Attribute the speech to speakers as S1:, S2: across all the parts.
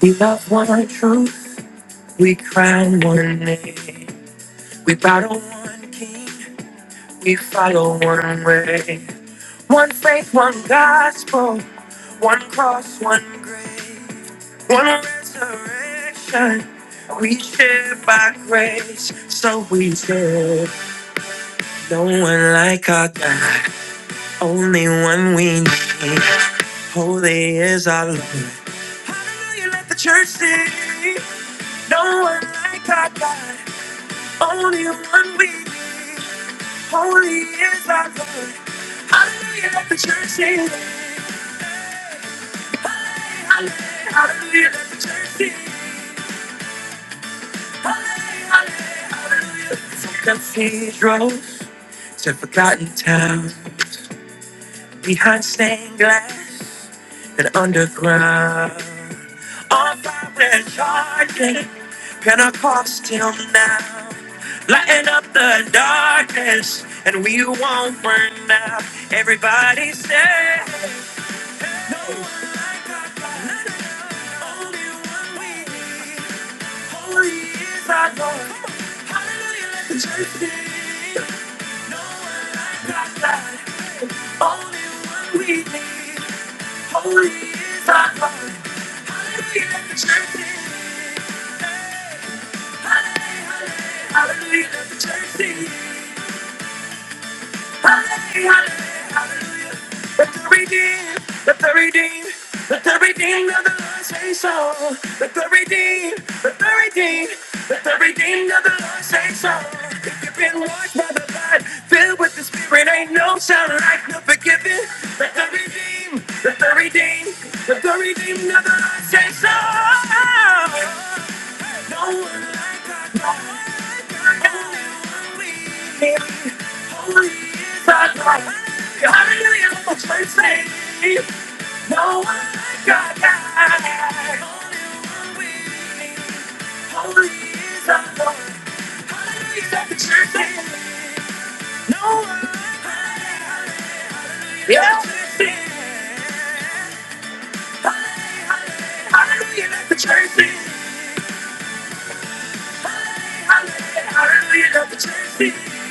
S1: We love one truth, we crown one name, we battle one king, we follow one way. One faith, one gospel, one cross, one grave, one resurrection. We share by grace, so we share. No one like our God, only one we need. Holy is our Lord. Hallelujah, let the church sing. No one like our God, only one we need. Holy is our God. Hallelujah, let the church sing. Hallelujah, hallelujah, let the church sing. Hallelujah, hallelujah, hallelujah. From cathedrals to forgotten towns. Behind stained glass and underground. On fire we're charging. Pentecostal now. lighting up the darkness and we won't burn out. Everybody say, "Hey, No one like our God. Only one we need. Holy is our God. Hallelujah, let the church sing. No one like our God, only one we need. Holy is our God. Hallelujah, let the church sing. Hey, hallelujah, hallelujah, hallelujah, let the church sing. Hallelujah, Let the redeemed, let the redeemed, let the redeemed of the Lord say so. Let the redeemed, let the redeemed, let the redeemed of the Lord say so. If you've been washed by the blood, filled with the Spirit, ain't no sound like no forgiving. Let the redeemed, let the redeemed, let the redeemed of the Lord say so. No one like our God. Holy is our God, Hallelujah, the church say, no one like our God. Holy is our God. Hallelujah, let the church say, No one like our God, Hallelujah, let the church God. Hallelujah, let the church say, hallelujah, let the church sing.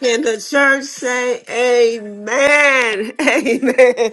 S1: Can the church say amen? Amen.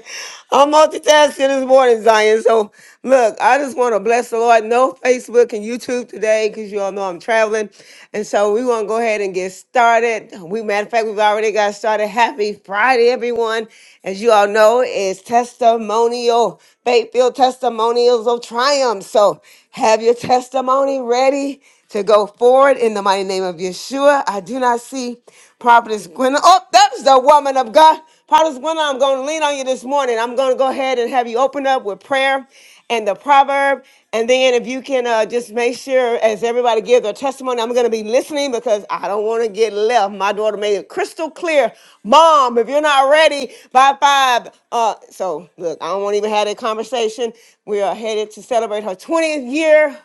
S1: I'm multitasking this morning, Zion. So, look, I just want to bless the Lord. No Facebook and YouTube today because you all know I'm traveling. And so, we want to go ahead and get started. We, matter of fact, we've already got started. Happy Friday, everyone. As you all know, it's testimonial, faith filled testimonials of triumph. So, have your testimony ready. to go forward in the mighty name of Yeshua. I do not see Prophetess Gwen. Oh, that's the woman of God. Prophetess Gwen, I'm going to lean on you this morning. I'm going to go ahead and have you open up with prayer and the proverb. And then if you can uh, just make sure as everybody gives their testimony, I'm going to be listening because I don't want to get left. My daughter made it crystal clear. Mom, if you're not ready by five. Uh, so look, I don't want to even have that conversation. We are headed to celebrate her 20th year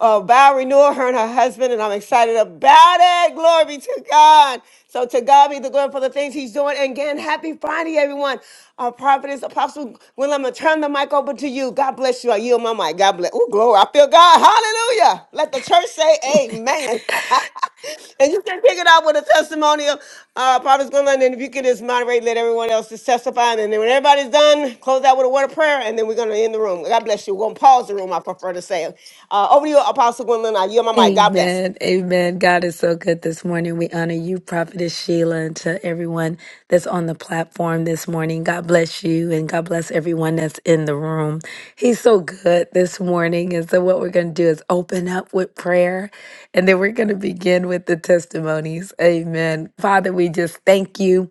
S1: uh, vow renewal, her and her husband, and I'm excited about it. Glory be to God. So to God be the glory for the things he's doing. And again, happy Friday, everyone. Our prophetess, Apostle Gwen, I'm going to turn the mic over to you. God bless you. I yield my mic. God bless. Oh, glory. I feel God. Hallelujah. Let the church Say amen. and you can pick it up with a testimony of uh, Prophet Gwendolyn. And if you can just moderate, let everyone else just testify. And then when everybody's done, close out with a word of prayer. And then we're going to end the room. God bless you. We're going to pause the room, I prefer to say. Uh, over to you, Apostle Gwendolyn. I yield my mic. God bless.
S2: Amen. Amen. God is so good this morning. We honor you, Prophetess Sheila, and to everyone that's on the platform this morning. God bless you and God bless everyone that's in the room. He's so good this morning. And so, what we're going to do is open up with prayer and then we're going to begin with the testimonies. Amen. Father, we just thank you.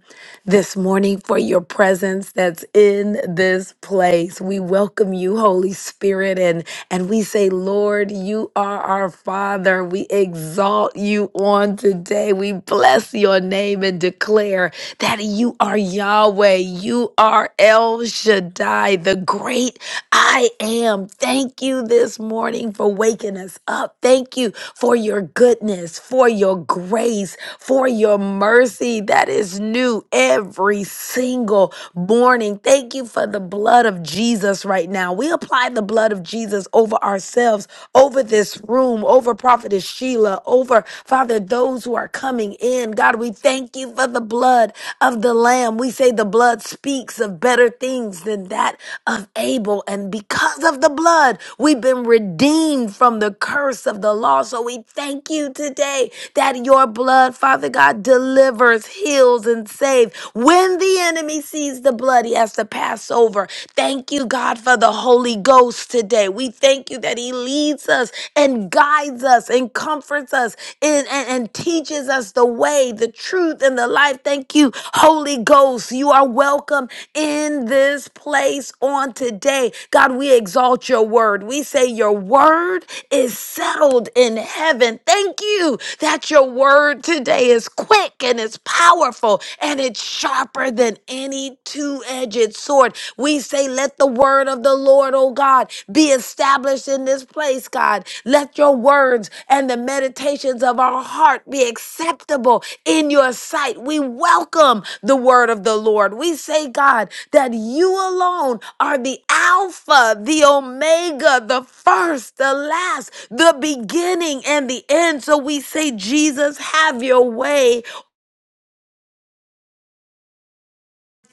S2: this morning for your presence that's in this place. We welcome you, Holy Spirit, and, and we say, Lord, you are our Father. We exalt you on today. We bless your name and declare that you are Yahweh. You are El Shaddai, the great I am. Thank you this morning for waking us up. Thank you for your goodness, for your grace, for your mercy that is new new every single morning. Thank you for the blood of Jesus right now. We apply the blood of Jesus over ourselves, over this room, over Prophetess Sheila, over Father, those who are coming in. God, we thank you for the blood of the Lamb. We say the blood speaks of better things than that of Abel. And because of the blood, we've been redeemed from the curse of the law. So we thank you today that your blood, Father God, delivers, heals, heals and saves. When the enemy sees the blood, he has to pass over. Thank you, God, for the Holy Ghost today. We thank you that he leads us and guides us and comforts us and, and, and teaches us the way, the truth, and the life. Thank you, Holy Ghost. You are welcome in this place on today. God, we exalt your word. We say your word is settled in heaven. Thank you that your word today is quick and is powerful and it's sharper than any two edged sword. We say, Let the word of the Lord, oh God, be established in this place, God. Let your words and the meditations of our heart be acceptable in your sight. We welcome the word of the Lord. We say, God, that you alone are the Alpha, the Omega, the first, the last, the beginning, and the end. So we say, Jesus, have your way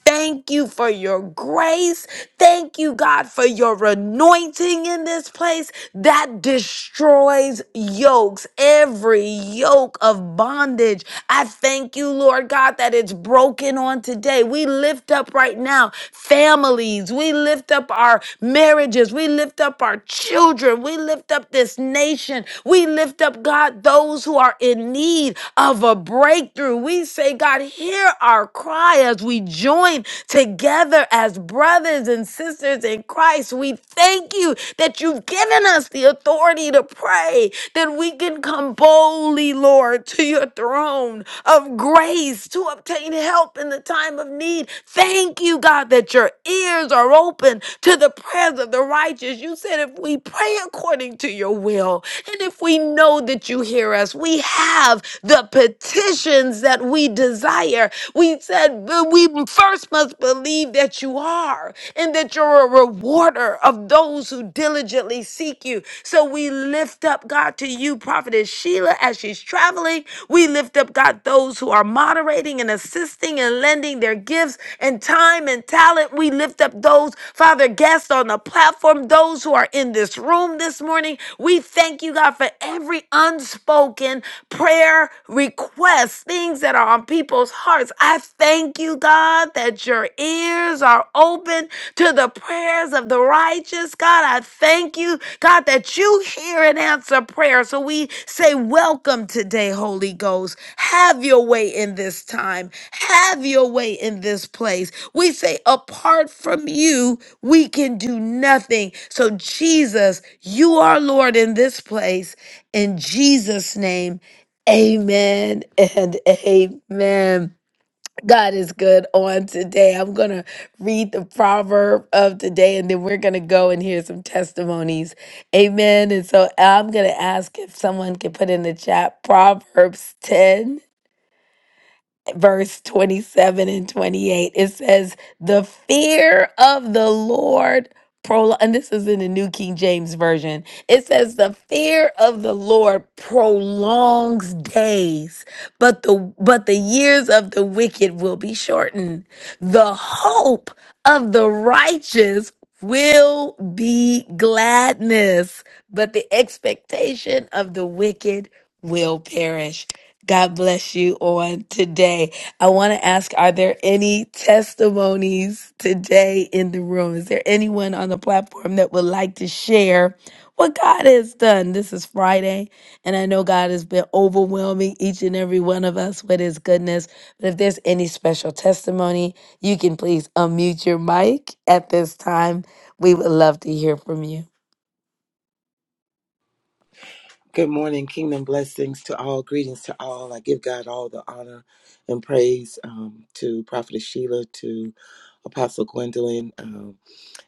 S2: Thank you for your grace. Thank you, God, for your anointing in this place that destroys yokes, every yoke of bondage I thank you, Lord God, that it's broken on today. We lift up right now families. We lift up our marriages. We lift up our children. We lift up this nation. We lift up, God, those who are in need of a breakthrough. We say, God, hear our cry as we join together as brothers and sisters in Christ. We thank you that you've given us the authority authority to pray, that we can come boldly, Lord, to your throne of grace to obtain help in the time of need. Thank you, God, that your ears are open to the prayers of the righteous. You said if we pray according to your will, and if we know that you hear us, we have the petitions that we desire. We said but we first must believe that you are. Father, and that you're a rewarder of those who diligently seek you. So we lift up, God, to you, Prophetess Sheila, as she's traveling. We lift up, God, those who are moderating and assisting and lending their gifts and time and talent. We lift up those, Father, guests on the platform, those who are in this room this morning. We thank you, God, for every unspoken prayer request, things that are on from people's hearts. I thank you, God, that your ears are open to the prayers of the righteous. God, I thank you, God, that you hear and answer prayer. So we say, Welcome today, Holy Ghost. Have your way in this time, have your way in this place. We say, Apart from you, we can do nothing. So, Jesus, you are Lord in this place. In Jesus' name. Amen and amen. God is good on today. I'm going to read the proverb of today and then we're going to go and hear some testimonies. Amen. And so I'm going to ask if someone can put in the chat Proverbs 10 verse 27 and 28 it says the fear of the lord prolong and this is in the new king james version it says the fear of the lord prolongs days but the but the years of the wicked will be shortened the hope of the righteous will be gladness but the expectation of the wicked will perish God bless you on today. I want to ask Are there any testimonies today in the room? Is there anyone on the platform that would like to share what God has done? This is Friday, and I know God has been overwhelming each and every one of us with his goodness. But if there's any special testimony, you can please unmute your mic at this time. We would love to hear from you.
S3: Good morning, kingdom blessings to all, greetings to all. I give God all the honor and praise um, to Prophetess Sheila, to Apostle Gwendolyn, um,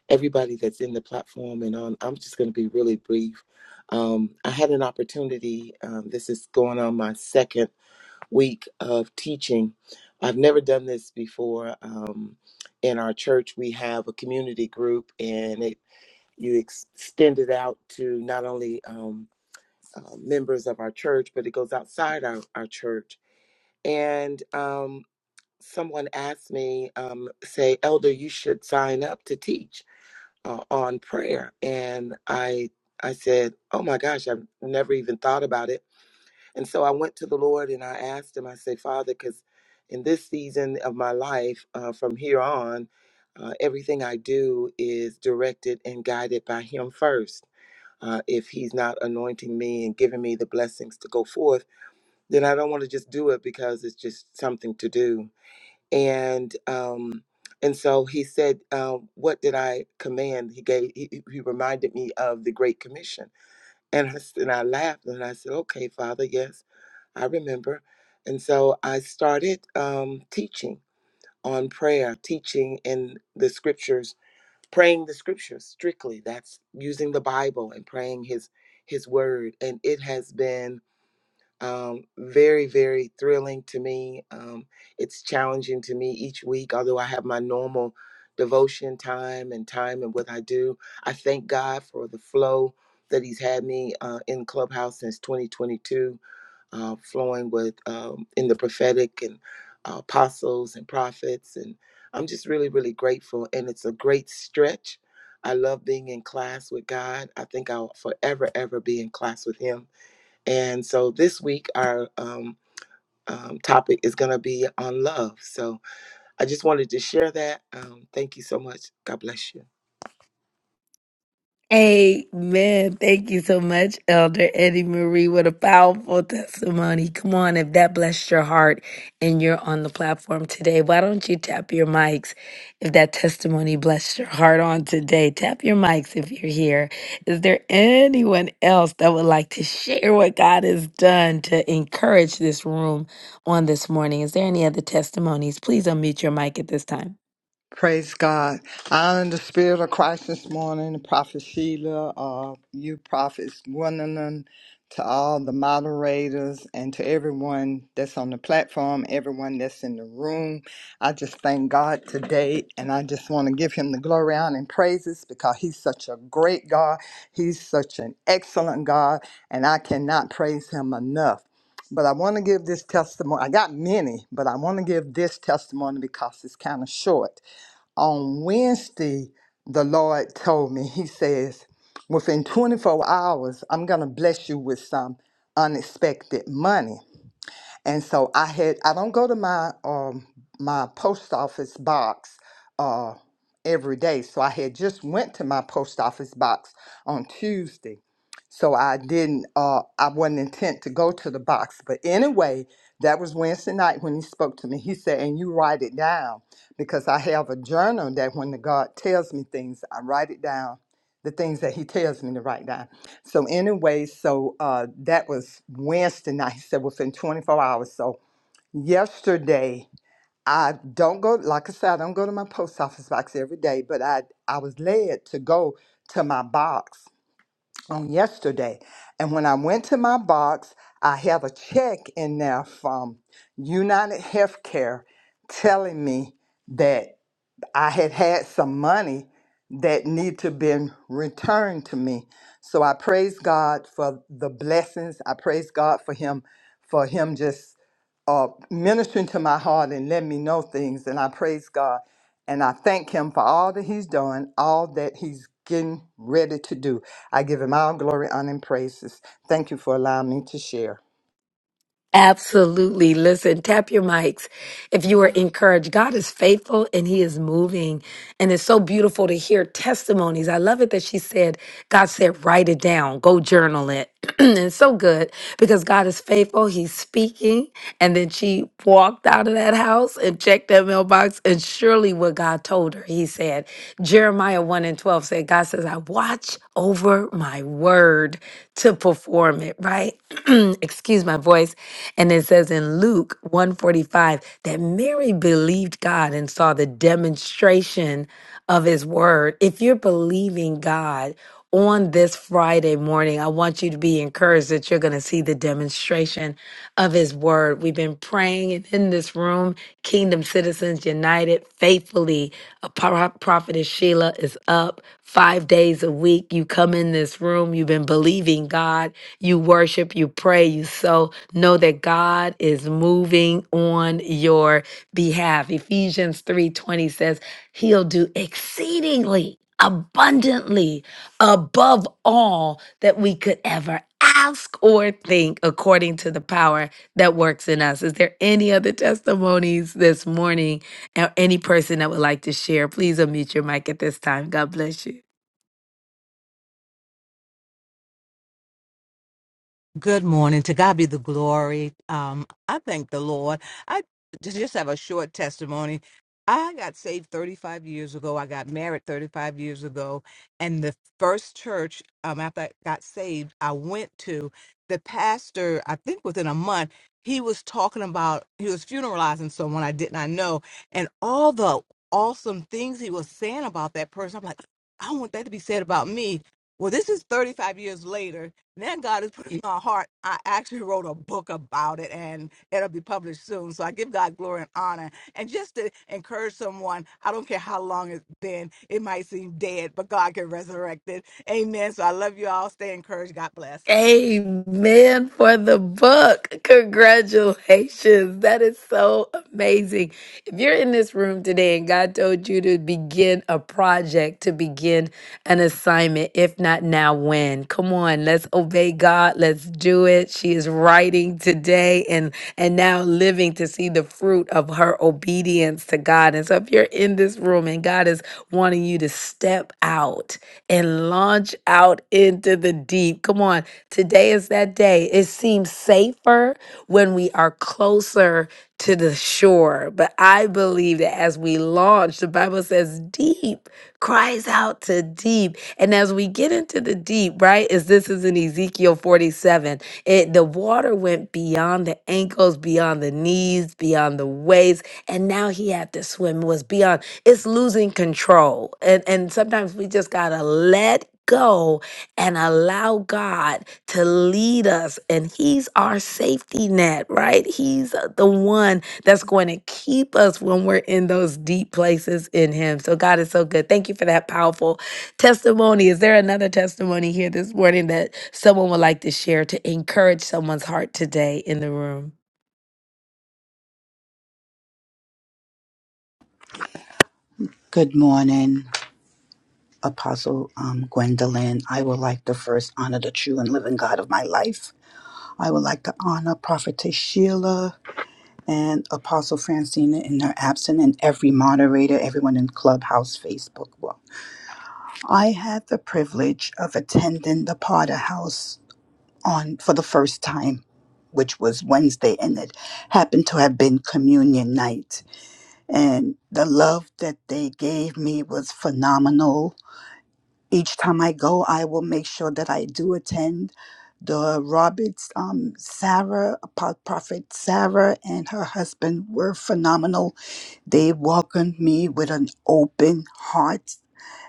S3: everybody that's in the platform and on. I'm just going to be really brief. Um, I had an opportunity, um, this is going on my second week of teaching. I've never done this before. Um, in our church, we have a community group and it you extend it out to not only um, uh, members of our church, but it goes outside our, our church. And um, someone asked me, um, say, Elder, you should sign up to teach uh, on prayer. And I, I said, Oh my gosh, I've never even thought about it. And so I went to the Lord and I asked him, I said, Father, because in this season of my life, uh, from here on, uh, everything I do is directed and guided by Him first uh, if he's not anointing me and giving me the blessings to go forth, then I don't want to just do it because it's just something to do. And um, and so he said, uh, "What did I command?" He gave. He, he reminded me of the Great Commission, and I, s- and I laughed and I said, "Okay, Father, yes, I remember." And so I started um, teaching on prayer, teaching in the scriptures praying the scriptures strictly that's using the bible and praying his his word and it has been um, very very thrilling to me um, it's challenging to me each week although i have my normal devotion time and time and what i do i thank god for the flow that he's had me uh, in clubhouse since 2022 uh, flowing with um, in the prophetic and uh, apostles and prophets. And I'm just really, really grateful. And it's a great stretch. I love being in class with God. I think I'll forever, ever be in class with Him. And so this week, our um, um, topic is going to be on love. So I just wanted to share that. Um, thank you so much. God bless you.
S2: Amen. Thank you so much, Elder Eddie Marie. What a powerful testimony. Come on, if that blessed your heart and you're on the platform today, why don't you tap your mics? If that testimony blessed your heart on today, tap your mics if you're here. Is there anyone else that would like to share what God has done to encourage this room on this morning? Is there any other testimonies? Please unmute your mic at this time.
S4: Praise God. I am in the spirit of Christ this morning, Prophet Sheila, uh, you prophets Gwendolyn, to all the moderators and to everyone that's on the platform, everyone that's in the room. I just thank God today and I just want to give him the glory honor and praises because he's such a great God. He's such an excellent God and I cannot praise him enough. But I want to give this testimony. I got many, but I want to give this testimony because it's kind of short on Wednesday, the Lord told me, He says, within 24 hours, I'm going to bless you with some unexpected money. And so I had I don't go to my um my post office box uh every day. So I had just went to my post office box on Tuesday. So I didn't uh I wasn't intent to go to the box. But anyway, that was Wednesday night when he spoke to me. He said, and you write it down because I have a journal that when the God tells me things, I write it down, the things that he tells me to write down. So anyway, so uh, that was Wednesday night. So within 24 hours. So yesterday, I don't go. Like I said, I don't go to my post office box every day, but I I was led to go to my box on yesterday, and when I went to my box, I have a check in there from United Healthcare telling me that. I had had some money that need to been returned to me. So I praise God for the blessings. I praise God for him, for him just uh, ministering to my heart and letting me know things. And I praise God and I thank him for all that he's doing, all that he's getting ready to do. I give him all glory, honor, and praises. Thank you for allowing me to share.
S2: Absolutely. Listen, tap your mics if you are encouraged. God is faithful and He is moving. And it's so beautiful to hear testimonies. I love it that she said, God said, write it down, go journal it. and it's so good because God is faithful. He's speaking. And then she walked out of that house and checked that mailbox. And surely what God told her, He said, Jeremiah 1 and 12 say, God says, I watch over my word to perform it, right? Excuse my voice. And it says in Luke 145 that Mary believed God and saw the demonstration of his word. If you're believing God, on this Friday morning. I want you to be encouraged that you're going to see the demonstration of his word. We've been praying and in this room, Kingdom Citizens United faithfully. A pro- prophetess Sheila is up five days a week. You come in this room, you've been believing God, you worship, you pray, you sow. Know that God is moving on your behalf. Ephesians 3:20 says, He'll do exceedingly abundantly above all that we could ever ask or think according to the power that works in us. Is there any other testimonies this morning or any person that would like to share? Please unmute your mic at this time. God bless you.
S5: Good morning. To God be the glory. Um, I thank the Lord. I j- just have a short testimony. I got saved 35 years ago. I got married 35 years ago. And the first church um, after I got saved, I went to the pastor, I think within a month, he was talking about, he was funeralizing someone I did not know. And all the awesome things he was saying about that person, I'm like, I want that to be said about me. Well, this is 35 years later now God has put in my heart. I actually wrote a book about it and it'll be published soon. So I give God glory and honor. And just to encourage someone, I don't care how long it's been, it might seem dead, but God can resurrect it. Amen. So I love you all. Stay encouraged. God bless.
S2: Amen for the book. Congratulations. That is so amazing. If you're in this room today and God told you to begin a project, to begin an assignment, if not now, when? Come on, let's obey God. Let's do it. She is writing today and and now living to see the fruit of her obedience to God. And so if you're in this room and God is wanting you to step out and launch out into the deep. Come on. Today is that day. It seems safer when we are closer to the shore. But I believe that as we launch, the Bible says deep cries out to deep. And as we get into the deep, right, is this is in Ezekiel 47. It the water went beyond the ankles, beyond the knees, beyond the waist, and now he had to swim was beyond. It's losing control. And and sometimes we just gotta let go and allow God to lead us, and He's our safety net, right? He's uh, the one that's going to keep us when we're in those deep places in Him. So, God is so good. Thank you for that powerful testimony. Is there another testimony here this morning that someone would like to share to encourage someone's heart today in the room?
S6: Good morning, Apostle um, Gwendolyn. I would like to first honor the true and living God of my life. I would like to honor Prophetess Sheila and Apostle Francina in their absence, and every moderator, everyone in Clubhouse, Facebook. Well, I had the privilege of attending the Potter House on for the first time, which was Wednesday, and it happened to have been Communion night. And the love that they gave me was phenomenal each time I go, I will make sure that I do attend the Roberts, um, Sarah, Apo- Prophet Sarah, and her husband were phenomenal. They welcomed me with an open heart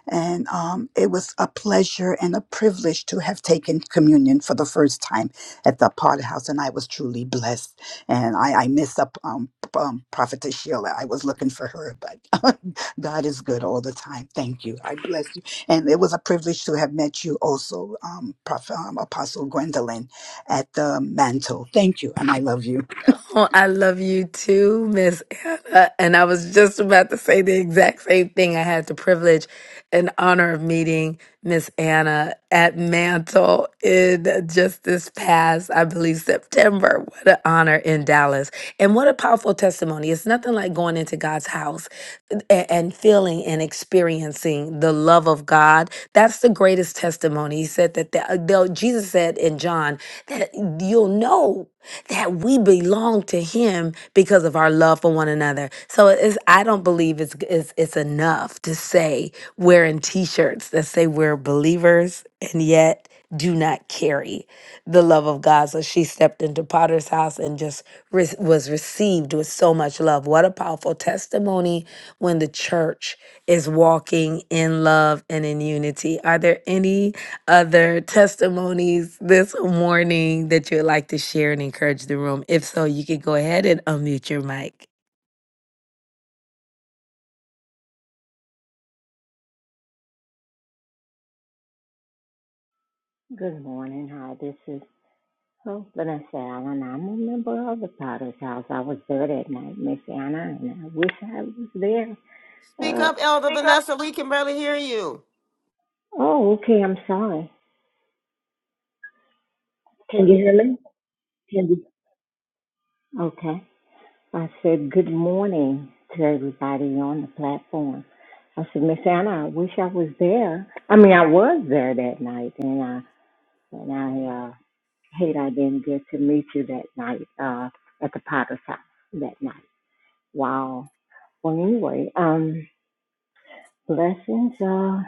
S6: and um, it was a pleasure and a privilege to have taken communion for the first time at the Potter House, and I was truly blessed. And I, I miss up um, p- um, Prophetess Sheila. I was looking for her, but God is good all the time. Thank you. I bless you. And it was a privilege to have met you also, um, Prophet, um, Apostle Gwendolyn, at the mantle. Thank you, and I love you.
S2: Oh, I love you too, Miss Anna. And I was just about to say the exact same thing. I had the privilege and honor of meeting Miss Anna at Mantle in just this past, I believe, September. What an honor in Dallas. And what a powerful testimony. It's nothing like going into God's house a- and feeling and experiencing the love of God. That's the greatest testimony. He said that the, the, Jesus said in John that you'll know that we belong to him because of our love for one another. So it's, I don't believe it's, it's it's enough to say wearing t-shirts that say we're believers and yet do not carry the love of God. So she stepped into Potter's house and just re- was received with so much love. What a powerful testimony when the church is walking in love and in unity. Are there any other testimonies this morning that you would like to share and encourage the room? If so, you can go ahead and unmute your mic.
S7: Good morning. Hi, this is oh, Vanessa Allen. I'm a member of the Potter's House. I was there that night, Miss Anna, and I wish I was there.
S1: Speak
S7: Uh,
S1: up, Elder
S7: Speak up.
S1: Vanessa. We can barely hear you.
S7: oh, okay. I'm sorry. Can you hear me? Can you? Okay. I said good morning to everybody on the platform. I said, Miss Anna, I wish I was there. I mean, I was there that night, and I and I uh, hate I didn't get to meet you that night uh, at the Potter's House that night. Wow. Well, anyway, um, blessings uh,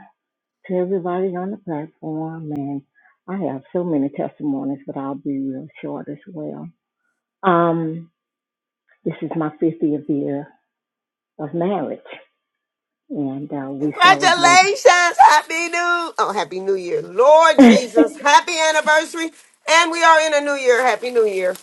S7: to everybody on the platform, and I have so many testimonies, but I'll be real short as well. Um, this is my 50th year of marriage, and uh, we celebrated.
S1: Congratulations. Happy New Oh, Happy New Year. Lord Jesus. Happy anniversary. And we are in a new year. Happy New Year.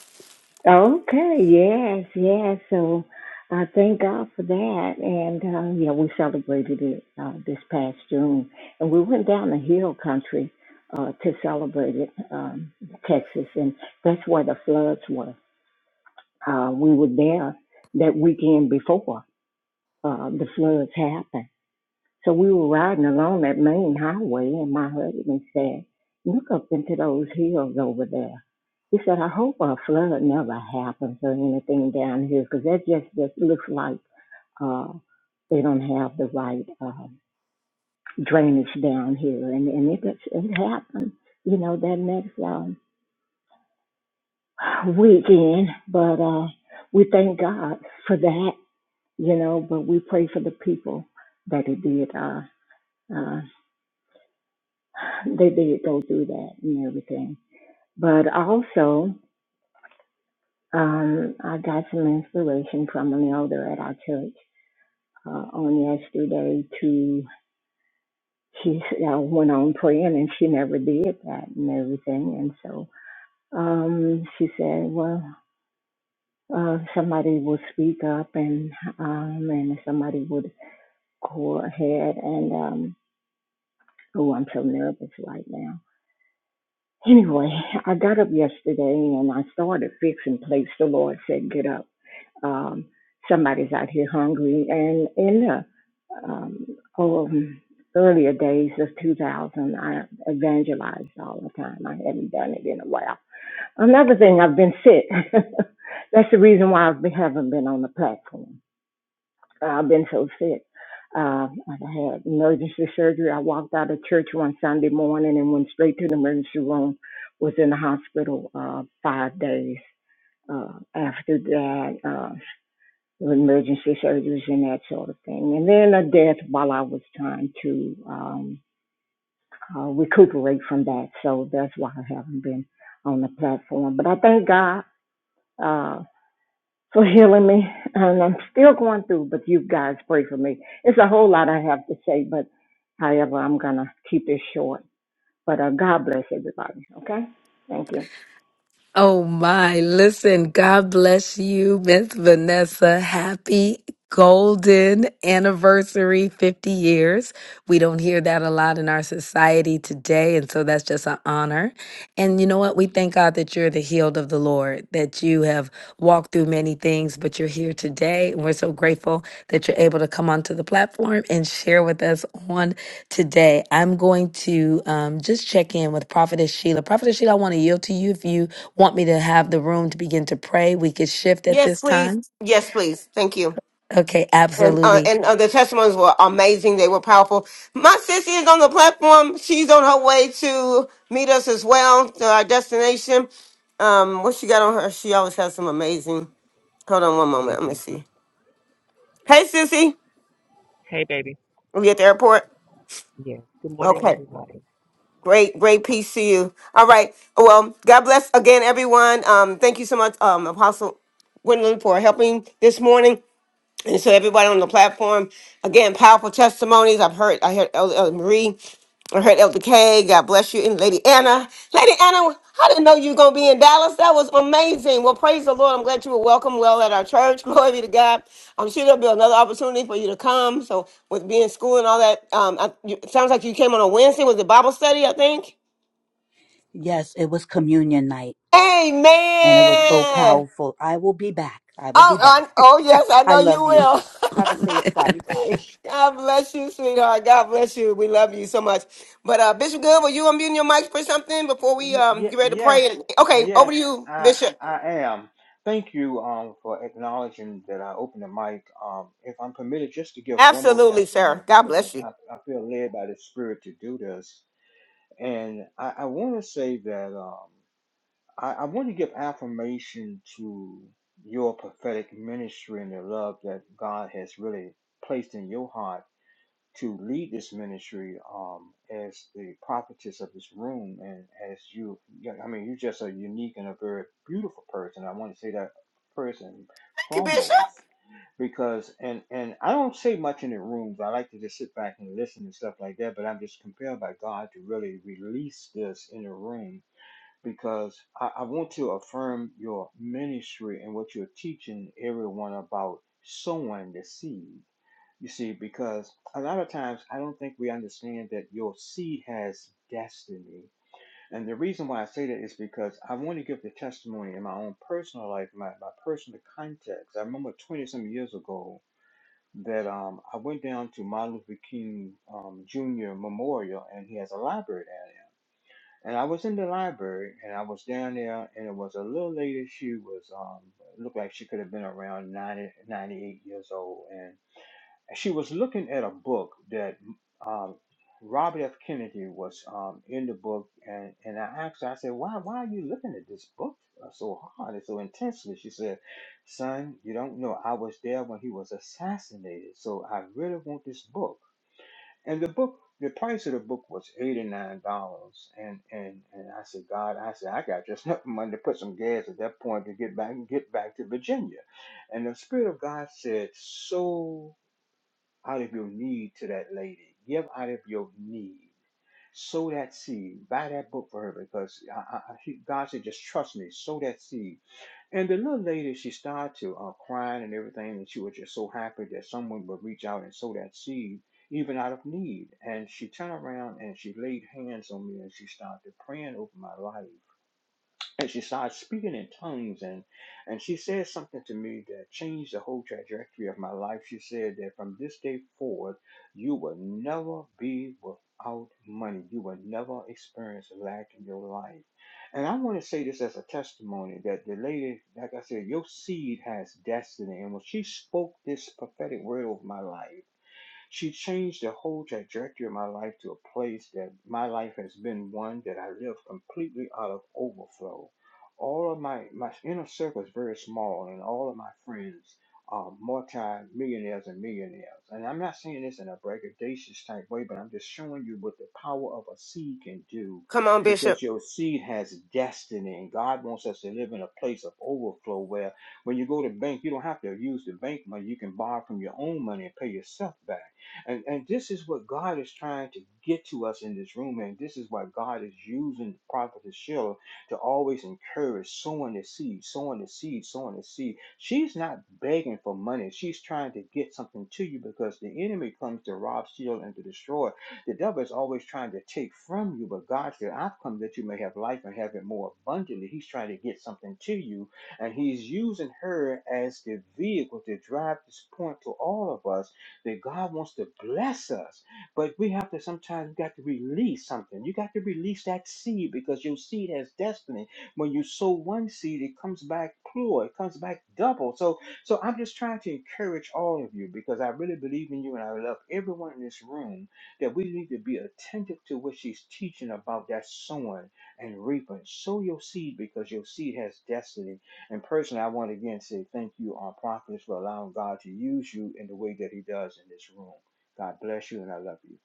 S7: Okay, yes, yes. So I thank God for that. And uh, yeah, we celebrated it uh, this past June. And we went down the hill country uh, to celebrate it, um, Texas. And that's where the floods were. Uh, we were there that weekend before uh, the floods happened. So we were riding along that main highway, and my husband said, Look up into those hills over there. He said, I hope a flood never happens or anything down here, because that just, just looks like uh, they don't have the right uh, drainage down here. And, and it, gets- it happened, you know, that next um, weekend. But uh, we thank God for that, you know, but we pray for the people that it did. Uh, uh, They did go through that and everything. But also, um, I got some inspiration from an elder at our church uh, on yesterday to she uh, went on praying and she never did that and everything. And so um, she said, well, uh, somebody will speak up and um, and somebody would go ahead and um, oh, I'm so nervous right now Anyway, I got up yesterday and I started fixing plates. The Lord said, "Get up. Um, somebody's out here hungry." And in the um, um, earlier days of 2000, I evangelized all the time. I hadn't done it in a while. Another thing, I've been sick. That's the reason why I haven't been on the platform. I've been so sick. Uh, I had emergency surgery. I walked out of church one Sunday morning and went straight to the emergency room. Was in the hospital uh, five days uh, after that, uh, emergency surgeries and that sort of thing. And then a death while I was trying to um, uh, recuperate from that. So that's why I haven't been on the platform. But I thank God. Uh, for healing me. And I'm still going through, but you guys pray for me. It's a whole lot I have to say, but however, I'm going to keep it short. But uh, God bless everybody, okay? Thank you.
S2: Oh my, listen, God bless you, Miss Vanessa. Happy golden anniversary, 50 years. We don't hear that a lot in our society today, and so that's just an honor. And you know what? We thank God that you're the healed of the Lord, that you have walked through many things, but you're here today. And we're so grateful that you're able to come onto the platform and share with us on today. I'm going to um, just check in with Prophetess Sheila. Prophetess Sheila, I want to yield to you if you want me to have the room to begin to pray, we could shift at
S1: Yes,
S2: this
S1: please.
S2: time.
S1: Yes, please. Thank you.
S2: Okay,
S1: and uh,
S2: absolutely.
S1: and uh, the testimonies were amazing. They were powerful. My sissy is on the platform. She's on her way to meet us as well to our destination. Um, what she got on her? She always has some amazing. Hold on one
S8: Yes.
S1: moment. Let me see. Hey, sissy,
S8: Hey, baby.
S1: are you at the airport?
S8: Yes. Good morning,
S1: Okay.
S8: everybody.
S1: Great, great peace to you. All right. Well, God bless again, everyone. Um, thank you so much, um, Apostle Gwendolyn, for helping this morning. And so everybody on the platform, again, powerful testimonies. I've heard, I heard Elder, Elder Marie, I heard Elder K. God bless you, and Lady Anna. Lady Anna, I didn't know you were gonna be in Dallas. That was amazing. Well, praise the Lord. I'm glad you were welcome well at our church. Glory be to God. I'm sure there'll be another opportunity for you to come. So with being in school and all that, um, I, you, it sounds like you came on a Wednesday with the Bible study, I think.
S6: Yes, it was communion night
S1: Amen.
S6: and it was so powerful. I will be back. I will
S1: Oh,
S6: be
S1: I,
S6: back.
S1: oh yes, I
S6: I
S1: know you
S6: love you. Have a
S1: will.
S6: safe Friday. Bye.
S1: God bless you, sweetheart. God bless you. We love you so much. But uh, Bishop Good, will you unmute your mic for something before we
S9: Y-
S1: um
S9: y-
S1: get ready to
S9: yes,
S1: pray? And Okay, over to
S9: yes,
S1: you,
S9: I
S1: Bishop.
S9: I am. Thank you um for acknowledging that I opened the mic. Um, if I'm permitted, just to give one more
S1: Absolutely,
S9: testimony
S1: sir. God
S9: because I
S1: bless you.
S9: I, I feel led by the Spirit to do this, and I, I want to say that um I, I want to give affirmation to your prophetic ministry and the love that God has really placed in your heart to lead this ministry um, as the prophetess of this room and as you yeah, i mean you're just a unique and a very beautiful person i want to say that first and
S1: Thank you, Bishop.
S9: foremost because and and i don't say much in the rooms i like to just sit back and listen and stuff like that but i'm just compelled by god to really release this in the room because i, I want to affirm your ministry and what you're teaching everyone about sowing the seed you see, because a lot of times I don't think we understand that your seed has destiny. And the reason why I say that is because I want to give the testimony in my own personal life, my, my personal context. I remember 20 some years ago that um, I went down to Martin Luther King um, Jr. Memorial, and he has a library down there. And I was in the library, and I was down there, and it was a little lady. She was um, looked like she could have been around 90 98 years old, and she was looking at a book that um, Robert F. Kennedy was um, in the book, and, and I asked her, I said, why, why are you looking at this book uh, so hard and so intensely? She said, Son, you don't know. I was there when he was assassinated, so I really want this book. And the book, the price of the book was $89. And, and, and I said, God, I said, I got just enough money to put some gas at that point to get back and get back to Virginia. And the Spirit of God said, So out of your need to that lady. Give out of your need. Sow that seed. Buy that book for her because I, I, I- she, God said, just trust me. Sow that seed. And the little lady, she started to uh, crying and everything, and she was just so happy that someone would reach out and sow that seed, even out of need. And she turned around and she laid hands on me and she started praying over my life and she started speaking in tongues and and she said something to me that changed the whole trajectory of my life she said that from this day forward you will never be without money you will never experience lack in your life and i want to say this as a testimony that the lady like i said your seed has destiny and when she spoke this prophetic word over my life she changed the whole trajectory of my life to a place that my life has been one that I live completely out of overflow. All of my, my inner circle is very small, and all of my friends are multi millionaires and millionaires. And I'm not saying this in a braggadocious type way, but I'm just showing you what the power of a seed can do
S1: Come on, Bishop.
S9: because your seed has destiny, and God wants us to live in a place of overflow where when you go to bank, you don't have to use the bank money. You can borrow from your own money and pay yourself back. And and this is what God is trying to get to us in this room, and this is why God is using the prophetess Sheila to always encourage sowing the seed, sowing the seed, sowing the seed. She's not begging for money. She's trying to get something to you because the enemy comes to rob, steal, and to destroy. The devil is always trying to take from you, but God said, I've come that you may have life and have it more abundantly. He's trying to get something to you, and he's using her as the vehicle to drive this point to all of us that God wants to bless us. But we have to sometimes got to release something. You got to release that seed because your seed has destiny. When you sow one seed, it comes back plural, it comes back double. So so I'm just trying to encourage all of you because I really believe in you and I love everyone in this room that we need to be attentive to what she's teaching about that sowing and reaping. Sow your seed because your seed has destiny and personally, I want to again say thank you our prophets, for allowing God to use you in the way that He does in this room. God bless you, and I love you.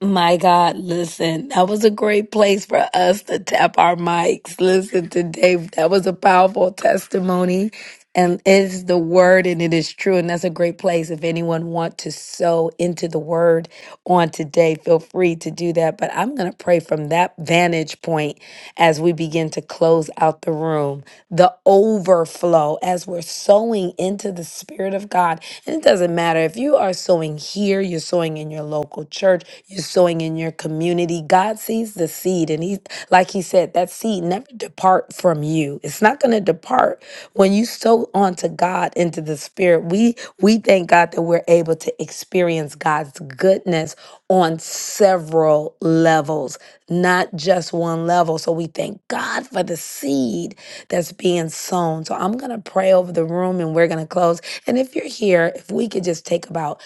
S2: My God, listen, that was a great place for us to tap our mics. Listen today, that was a powerful testimony. And it is the word and it is true. And that's a great place. If anyone want to sow into the word on today, feel free to do that. But I'm going to pray from that vantage point as we begin to close out the room. The overflow as we're sowing into the spirit of God. And it doesn't matter if you are sowing here, you're sowing in your local church, you're sowing in your community. God sees the seed. And he, like he said, that seed never depart from you. It's not going to depart. When you sow onto God, into the spirit, we, we thank God that we're able to experience God's goodness on several levels, not just one level. So we thank God for the seed that's being sown. So I'm going to pray over the room and we're going to close. And if you're here, if we could just take about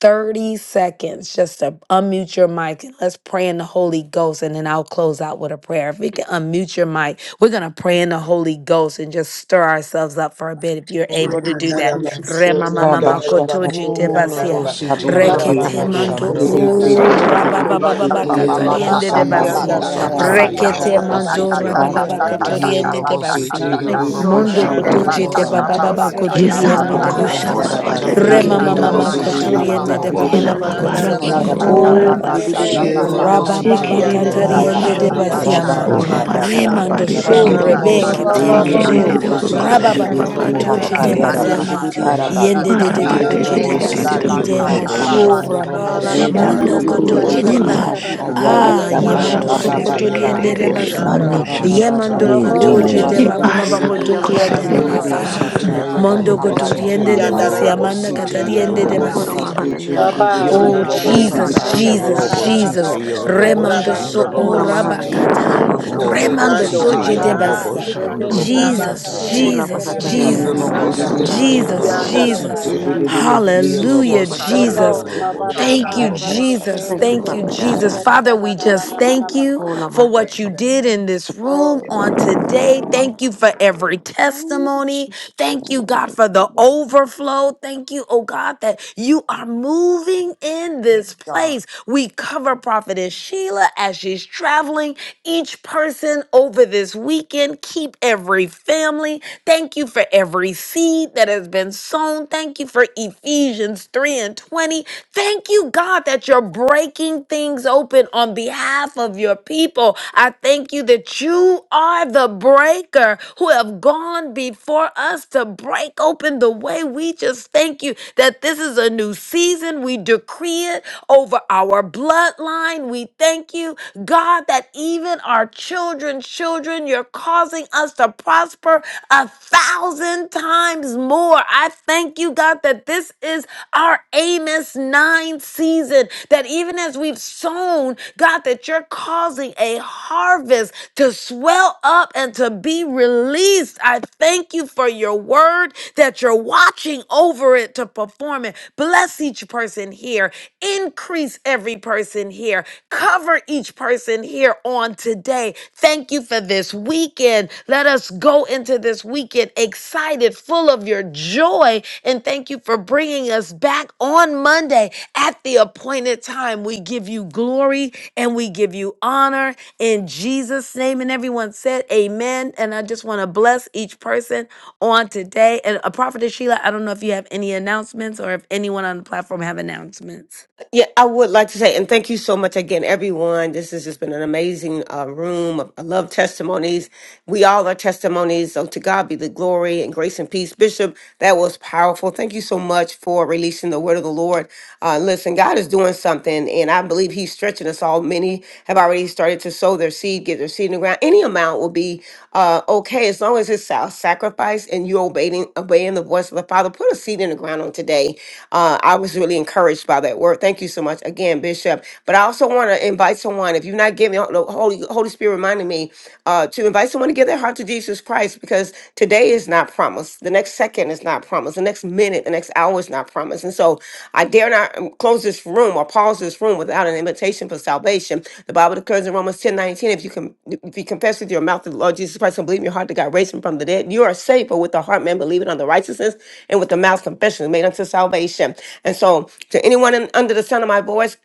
S2: 30 seconds just to unmute your mic and let's pray in the Holy Ghost. And then I'll close out with a prayer. If we can unmute your mic, we're going to pray in the Holy Ghost and just stir ourselves up for a bit if you're able to do that.
S3: Ramama
S2: Re ma ma ma ma
S3: Sorianda
S2: koto
S6: Rabashakarabushi,
S2: je te
S10: Oh, lobo
S2: basia.
S10: site
S2: Re
S11: Hola,
S12: Baba
S10: yellow
S2: ke te
S11: bakana
S10: lobo
S11: dia
S2: Mando
S11: matsi,
S10: shandalomo
S11: ti- ti-
S6: Rebisete,
S2: o
S11: ti- ti- ti-
S2: ra
S11: ti-
S2: ba
S11: ti-
S10: sataya.
S13: Orobababayarerebeyandararabayahaya.
S2: ba
S11: ti-
S2: ba
S11: ti-
S2: ba
S6: Rebisete,
S2: ba
S11: ti- dia
S10: Yellow
S6: Rebihakambatayarabasa,
S10: lobo
S2: katariende de
S11: matata.
S10: sandalomo
S2: Remamamamakotojitebasia,
S11: Thank you, Holy
S10: sataya yellow
S11: Father.
S10: lobo
S11: Papa,
S2: reketemando,
S11: thank you,
S10: sita.
S2: ooh,
S11: Holy Father, dia
S10: Yellow
S13: Shiererebeyasikiyararabayandararabayasata.
S2: rababababakatariendedebasi,
S6: Rabba
S11: matata.
S2: de
S10: lobo site
S6: Baba
S2: basi.
S11: Thank
S10: yellow
S11: you,
S10: lobo
S11: Lord
S2: Mondo
S11: God, for
S2: kotoje
S10: shandalomo
S11: speech,
S2: te
S11: speech,
S2: baba
S11: Lord
S2: baba
S11: God.
S10: sataya.
S11: Thank
S2: koturi
S11: you,
S14: Yesa
S11: Lord,
S2: ende
S11: you
S2: de
S11: up this
S14: bokusha
S10: Handalomo
S2: basi.
S11: morning,
S14: baba
S11: Lord
S14: de
S11: God.
S15: Hey,
S10: sataya
S11: But
S13: Shiererebeyandararabayasikiyararabayandararabayasata.
S11: thank you,
S10: yellow
S2: Rema
S15: my
S14: bikiri de
S2: mama
S11: Holy
S10: lobo
S11: Father,
S2: ma
S15: God,
S11: bakana
S14: bokusha.
S10: site
S11: dia
S2: koturi
S10: yellow
S2: ende de
S11: matata, da
S10: lobo
S2: baba
S16: Yada
S14: Yera
S11: bakana
S2: baba
S11: dia
S14: baba
S15: my
S14: da
S2: koto.
S10: shandalomo
S11: matata.
S14: bokoro
S10: sataya.
S11: Di- di- di-
S14: barabase.
S11: di- di-
S2: O
S11: di-
S10: Yellow
S11: dia
S13: Yalalabayandararabayasokoyererebeyandararabayasata.
S10: lobo
S11: maho,
S2: raba
S10: site
S11: Holy
S2: baba
S14: Yekiri
S10: yellow
S11: Father,
S14: de
S11: dia
S2: katari
S10: lobo
S2: ende
S14: bokusha.
S2: de
S11: matata.
S10: shandalomo
S2: basiama.
S11: Ora
S14: Oro
S10: sataya.
S14: basha
S11: mahasata, da- da-
S14: baba
S2: Remando
S11: da-
S14: de
S11: da-
S2: so
S11: bakana
S14: bikiri.
S10: Handalomo
S11: dia
S2: rebeke
S11: matsi,
S2: te
S11: ti- ti-
S10: sataya
S11: ti-
S3: Rabasanda
S13: Shialalabayandararabayasokoyererebeyandararabayahaya.
S10: yellow
S11: ti-
S2: mando.
S14: Yekiri
S11: dia
S14: de
S10: lobo
S11: bakana
S10: site
S11: dia
S2: Raba
S14: bokusha
S2: baba
S11: matsi,
S10: yellow
S2: baba
S14: baba
S11: ti.
S10: lobo
S14: de
S3: Rabasoria
S2: kotoje de
S14: bikiri de
S10: candalomo
S11: Di-
S13: Shiererebeyasata.
S11: di-
S10: sataya.
S14: basha.
S11: di- di-
S2: basiama.
S11: dia
S3: Ramasanda
S11: matsi,
S15: God,
S2: Yende
S11: dia-
S2: de
S15: thank
S2: de de
S15: you.
S14: Maraba
S3: Rabasanda
S14: de
S11: dia
S2: koje de
S14: bikiri
S11: matanda,
S2: basi
S10: Yelobosite,
S14: de
S11: da-
S3: Rabosoria,
S11: da-
S2: ide
S11: da-
S15: Oh
S14: bokusha
S2: mo
S11: da-
S15: God,
S14: kiri.
S13: Yererebeyandarabaya
S15: I
S2: so
S15: love
S12: Oh,
S13: soko
S2: raba.
S3: Ramamasanda
S12: la la
S15: Kush.
S11: Ora
S14: Yera
S12: Ba
S10: Yeloboshandalobosata,
S12: da
S2: Mondo
S12: da ba
S3: Rabasete
S12: ka
S14: bokoro
S2: kotoje
S13: yererebeyandarabaya
S11: mahana
S12: cha
S2: de
S15: Ooh,
S11: niya
S3: Yande,
S12: ka
S10: Yelobosite.
S11: ma
S15: the
S2: ba.
S12: ta da da
S11: pase ki
S14: barasha.
S11: ki ki
S15: little
S11: ki
S12: ke
S11: ki
S15: bit
S12: de
S11: ki
S15: of
S2: Ah,
S12: de
S11: ki ki
S12: de
S3: Ikorianda
S12: de
S15: Kush.
S12: de
S2: yemando
S13: ayalalabayandarabaya
S12: de
S14: Maraba
S12: de
S2: so
S14: de
S12: de
S10: Rulobosite,
S3: Ramasanda
S13: sacha
S12: da
S2: kotori
S12: ba
S14: bikiri
S2: ende de
S14: de de
S2: basi.
S3: Rabasorianda,
S14: bokusha.
S15: Maniki,
S6: Baba
S12: Bo
S10: Yeloboshandalobosata,
S2: Yemando
S12: bo
S15: li,
S13: yererebeyandarabaya
S12: bo
S15: li,
S12: de de
S2: kotoje
S3: Ramasanda
S2: de
S12: ke
S15: little
S13: soko
S12: de
S6: Sadarabasi
S2: baba
S10: Yelobosite.
S12: de
S15: Kush.
S12: de
S2: baba
S12: de
S14: Yebasa
S3: Rabasete
S12: de
S6: Tiribi
S12: de
S2: kotori
S12: cha
S14: bokusha
S12: da
S2: ende
S12: da
S2: de
S12: da
S14: kiri.
S12: da
S3: Yakorianda
S12: ba
S2: basiama.
S12: shi
S3: Rabase,
S12: cha
S10: Yandalomosata,
S15: Mm,
S12: cha
S16: yeah,
S12: da
S2: Mondo
S15: mm,
S12: ke.
S2: kotori
S10: Yelobosite,
S2: ende
S13: shiyererebeyandarabaya
S2: de
S3: Yanda
S13: sa
S2: basiama na
S10: Yelobosite,
S2: katari
S3: Rabosorianda
S2: ende de
S13: yererebeyandarabaya
S2: basi.
S10: Yelobosite.
S3: Ramasete,
S12: ba
S13: soko
S12: ba ba de
S2: Oh
S12: de
S3: Ikorianda
S12: de de
S2: Jesus,
S12: de
S10: Yandalomosata,
S12: cha
S11: ki
S12: da da
S11: ki
S12: da
S2: Jesus,
S3: Rabasorianda
S12: da
S11: ki
S12: da
S11: ki
S12: ba
S10: Yelobosite,
S2: Jesus.
S11: ama
S3: Rabase,
S12: su
S13: yorerebeyandarabaya
S12: su
S11: shindu.
S12: cha
S13: sacha
S12: da
S2: Remando
S12: da
S13: ye
S2: so
S12: ke
S3: Rabasanda
S12: de
S15: mm,
S11: Ora
S12: de de
S11: mahana
S12: de
S15: mm,
S10: Yeloboshandalobosite.
S12: de
S11: niya
S12: da
S3: Ramasete,
S12: ba
S2: orabakata.
S15: mm,
S11: soko
S15: yes,
S13: shiyererebaya
S11: soko da
S13: soko
S2: Remando
S11: bahata
S3: Ikando
S2: so
S11: niya
S10: Rulobosite,
S11: ma
S12: Wa
S2: jede
S11: kata da
S12: ba
S11: bahati
S2: basi.
S3: Boshanda,
S12: wa
S13: yererebeyandarabaya
S11: yo
S12: de
S15: Mm,
S12: ke
S11: gote.
S17: Shalom,
S15: mm,
S12: shi ka
S2: Jesus,
S10: Yeloboshandalomosata,
S12: da
S10: Yelobosite.
S12: da
S3: Rabasende,
S11: Ora
S12: ke
S2: Jesus,
S12: da
S11: bahata
S12: da
S11: da
S12: da
S11: da
S12: da
S3: Robo
S11: da
S12: da
S2: Jesus.
S12: da da da
S11: bahati
S3: Shanda,
S11: ki
S12: da
S11: ki
S12: ke
S11: ki
S12: cha
S11: ki.
S12: da
S2: Jesus,
S12: da
S3: Yanda
S12: de de da
S2: Jesus.
S12: da ba
S11: Iri
S13: ayalalabayandarabaya
S11: Di
S3: Rabasata.
S11: yo
S13: sacha
S11: mo si
S10: Yellow
S11: ki ara
S2: Hallelujah,
S10: bossy
S11: bahata
S12: Bo
S10: tail,
S11: na
S12: bo
S2: Jesus.
S10: yellow
S13: yererebeyandarabaya
S11: bahati
S12: ba
S11: ki
S12: ba
S10: boss,
S3: Hallelujah.
S12: ba
S11: bahata.
S12: ba
S2: Thank you,
S10: yellow
S12: ba da
S10: boss,
S12: de ke
S2: Jesus.
S13: She
S11: Thank
S12: de
S13: la
S11: you,
S13: la
S10: yellow
S2: Thank
S12: ke
S13: ba
S2: you,
S12: de
S11: Father
S12: de
S10: boss,
S13: so
S12: ke
S2: Jesus.
S13: ko
S12: da
S11: God.
S12: da
S13: ya
S2: Father,
S12: da
S13: de de
S12: da
S2: we
S13: ba
S12: da
S13: ya
S12: da
S13: da
S2: just
S12: da da
S2: thank
S12: ba
S2: you
S11: Ora
S2: for
S11: mahata
S2: what you
S11: da
S2: did in this
S12: Baba,
S2: room on today. Thank you for every
S11: Oh,
S2: testimony.
S11: Jesus.
S2: Thank you, God, for the overflow. Thank you, oh God, that you are moving in this place. We cover Prophetess Sheila as she's traveling, each person over this weekend. Keep every family. Thank you for every seed that has been sown. Thank you for Ephesians 3 and 20. Thank you, God, that you're breaking things open on behalf of your people. I thank you that you are the breaker who have gone before us to break open the way. We just thank you that this is a new season. We decree it over our bloodline. We thank you, God, that even our children's children, you're causing us to prosper a thousand times more. I thank you, God, that this is our Amos 9 nine season that even as we've sown, God, that you're causing a harvest to swell up and to be released. I thank you for your word that you're watching over it to perform it. Bless each person here, increase every person here, cover each person here on today. Thank you for this weekend. Let us go into this weekend excited, full of your joy, and thank you for bringing us back on Monday. At the appointed time, we give you glory and we give you honor in Jesus' name. And everyone said, Amen. And I just want to bless each person on today. And a prophetess Sheila, I don't know if you have any announcements or if anyone on the platform have announcements.
S1: Yeah, I would like to say, and thank you so much again, everyone. This has just been an amazing uh, room. of- I love testimonies. We all are testimonies. So to God be the glory and grace and peace. Bishop, that was powerful. Thank you so much for releasing the word of the Lord. Uh, listen, God is doing something, and I believe He's stretching us all. Many have already started to sow their seed, get their seed in the ground around. Any amount will be uh, okay as long as it's self sacrifice and you're obeying, obeying the voice of the Father. Put a seed in the ground on today. Uh, I was really encouraged by that word. Thank you so much again, Bishop. But I also want to invite someone, if you're not giving, the Holy, Holy Spirit reminded me uh, to invite someone to give their heart to Jesus Christ because today is not promised. The next second is is not promised. The next minute, the next hour is not promised. And so I dare not um, close this room or pause this room without an invitation for salvation. The Bible declares in Romans 10 19. if you can if you confess with your mouth the Lord Jesus Christ and believe in your heart that God raised him from the dead, you are saved. For with the heart man believing on the righteousness and with the mouth confession is made unto salvation. And so to anyone in, under the sound of my voice,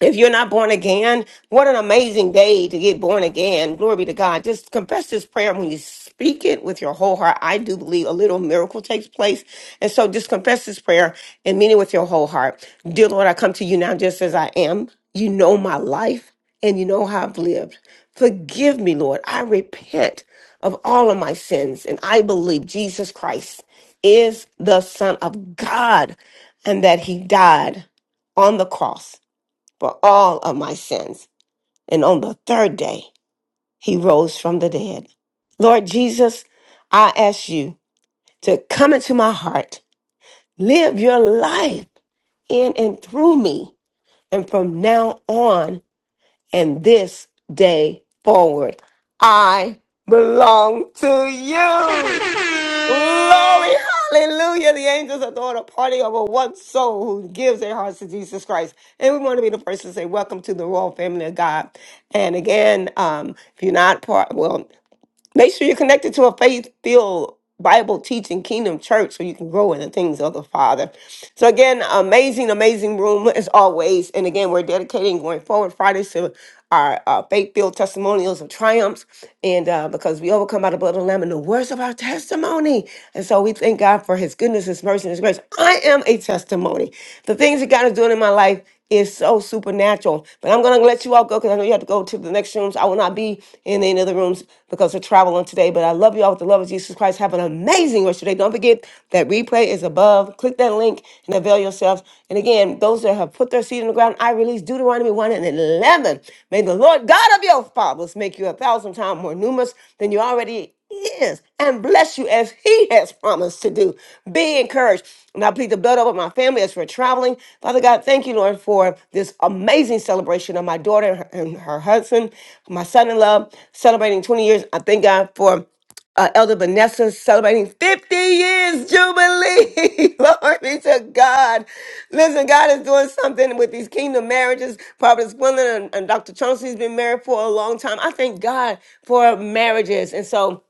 S1: if you're not born again, what an amazing day to get born again. Glory be to God. Just confess this prayer when you speak it with your whole heart. I do believe a little miracle takes place. And so just confess this prayer and mean it with your whole heart. Dear Lord, I come to you now just as I am. You know my life and you know how I've lived. Forgive me, Lord. I repent of all of my sins and I believe Jesus Christ is the Son of God and that he died on the cross for all of my sins. And on the third day, he rose from the dead. Lord Jesus, I ask you to come into my heart, live your life in and through me. And from now on and this day forward, I belong to you. Glory, hallelujah. The angels are throwing a party over one soul who gives their hearts to Jesus Christ. And we want to be the first to say, Welcome to the royal family of God. And again, um, if you're not part, well, Make sure you're connected to a faith filled Bible teaching kingdom church so you can grow in the things of the Father. So, again, amazing, amazing room as always. And again, we're dedicating going forward Fridays to our uh, faith filled testimonials of triumphs. And uh, because we overcome by the blood of the Lamb and the words of our testimony. And so we thank God for his goodness, his mercy, and his grace. I am a testimony. The things that God is doing in my life is so supernatural. But I'm going to let you all go because I know you have to go to the next rooms. I will not be in any of the rooms because of travel on today. But I love you all with the love of Jesus Christ. Have an amazing rest of your day. Don't forget that replay is above. Click that link and avail yourselves. And again, those that have put their seed in the ground, I release Deuteronomy 1 and 11. May the Lord God of your fathers make you a thousand times more numerous than you already is and bless you as he has promised to do. Be encouraged. And I plead the blood over my family as we're traveling. Father God, thank you, Lord, for this amazing celebration of my daughter and her, and her husband, my son in law, celebrating 20 years. I thank God for uh, Elder Vanessa celebrating 50 years jubilee. Glory be to God. Listen, God is doing something with these kingdom marriages. Prophet Gwendolyn and, and Dr. Chauncey's been married for a long time. I thank God for marriages. And so,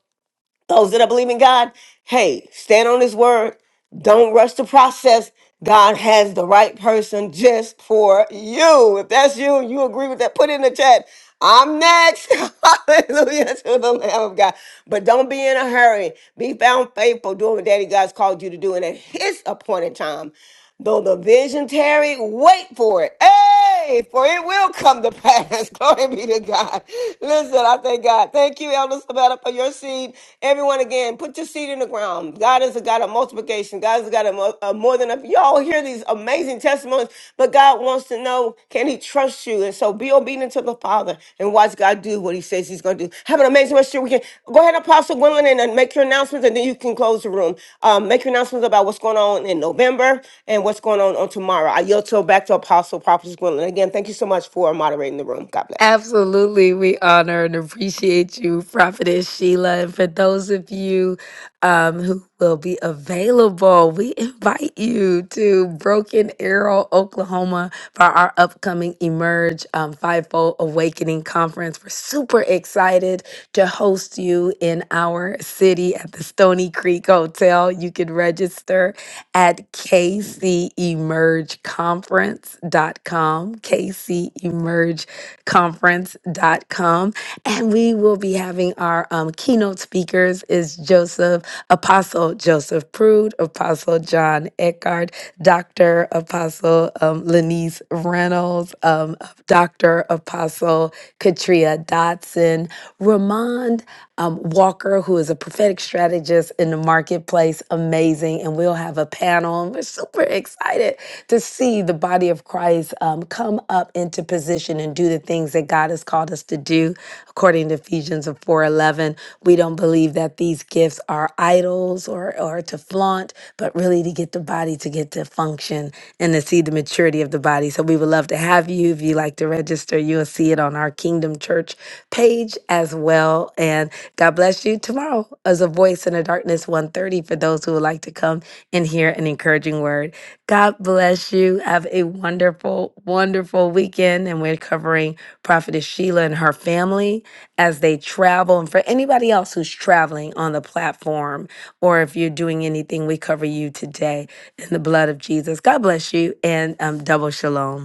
S1: those that are believing God, hey, stand on his word. Don't rush the process. God has the right person just for you. If that's you, and you agree with that, put it in the chat. I'm next. Hallelujah to the Lamb of God. But don't be in a hurry. Be found faithful doing what Daddy God's called you to do. And at his appointed time, Though the vision tarry, wait for it. Hey, for it will come to pass. Glory be to God. Listen, I thank God. Thank you, Elder Sabata, for your seed. Everyone, again, put your seed in the ground. God is a God of multiplication. God is a God of mo- of more than a. Y'all hear these amazing testimonies, but God wants to know. How can he trust you? And so be obedient to the Father and watch God do what he says he's going to do. Have an amazing rest of your weekend. Go ahead, Apostle Gwendolyn, and and make your announcements, and then you can close the room. Um, make your announcements about what's going on in November and what's going on on tomorrow. I yield to back to Apostle Prophet Gwendolyn. Again, thank you so much for moderating the room. God bless.
S2: Absolutely. We honor and appreciate you, Prophetess Sheila. And for those of you um, who will be available, we invite you to Broken Arrow, Oklahoma for our upcoming Emerge um, Fivefold Awakening Conference. We're super excited to host you in our city at the Stony Creek Hotel. You can register at k c emerge conference dot com, k c emerge conference dot com, And we will be having our um, keynote speakers is Joseph, Apostle Joseph Prude, Apostle John Eckhart, Dr. Apostle um, Lenise Reynolds, um, Dr. Apostle Katria Dotson, and Ramond um, Walker, who is a prophetic strategist in the marketplace. Amazing. And we'll have a panel. And we're super excited to see the body of Christ um, come up into position and do the things that God has called us to do. According to Ephesians of 4.11, we don't believe that these gifts are idols or, or to flaunt, but really to get the body to get to function and to see the maturity of the body. So we would love to have you. If you like to register, you'll see it on our Kingdom Church page as well. And God bless you. Tomorrow is a voice in the darkness 130 for those who would like to come and hear an encouraging word. God bless you. Have a wonderful, wonderful weekend. And we're covering Prophetess Sheila and her family as they travel. And for anybody else who's traveling on the platform, or if you're doing anything, we cover you today in the blood of Jesus. God bless you and um, double shalom.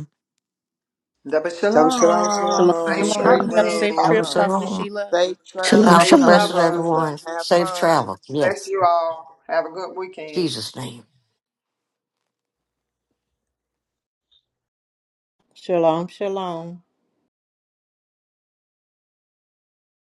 S4: Double
S3: Double shalom,
S4: shalom.
S3: shalom.
S4: Safe
S15: yes.
S3: Great
S17: shalom. Have a
S4: traveling,
S17: safe
S3: room.
S11: Over
S17: trip,
S11: so
S9: Shalom.
S4: prophecies.
S17: Prophet
S11: long.
S17: Sheila.
S3: Safe
S14: Shalom,
S3: travels,
S11: Bountiful
S4: Safe
S14: shalom.
S3: Prophet
S11: blessings,
S4: travel.
S9: Blessing.
S3: Sheila.
S11: everyone.
S3: Have
S11: Safe
S3: fun.
S11: travel.
S4: Bless
S11: Yes.
S4: you all. Have a good weekend.
S11: Jesus' name.
S12: Shalom, shalom.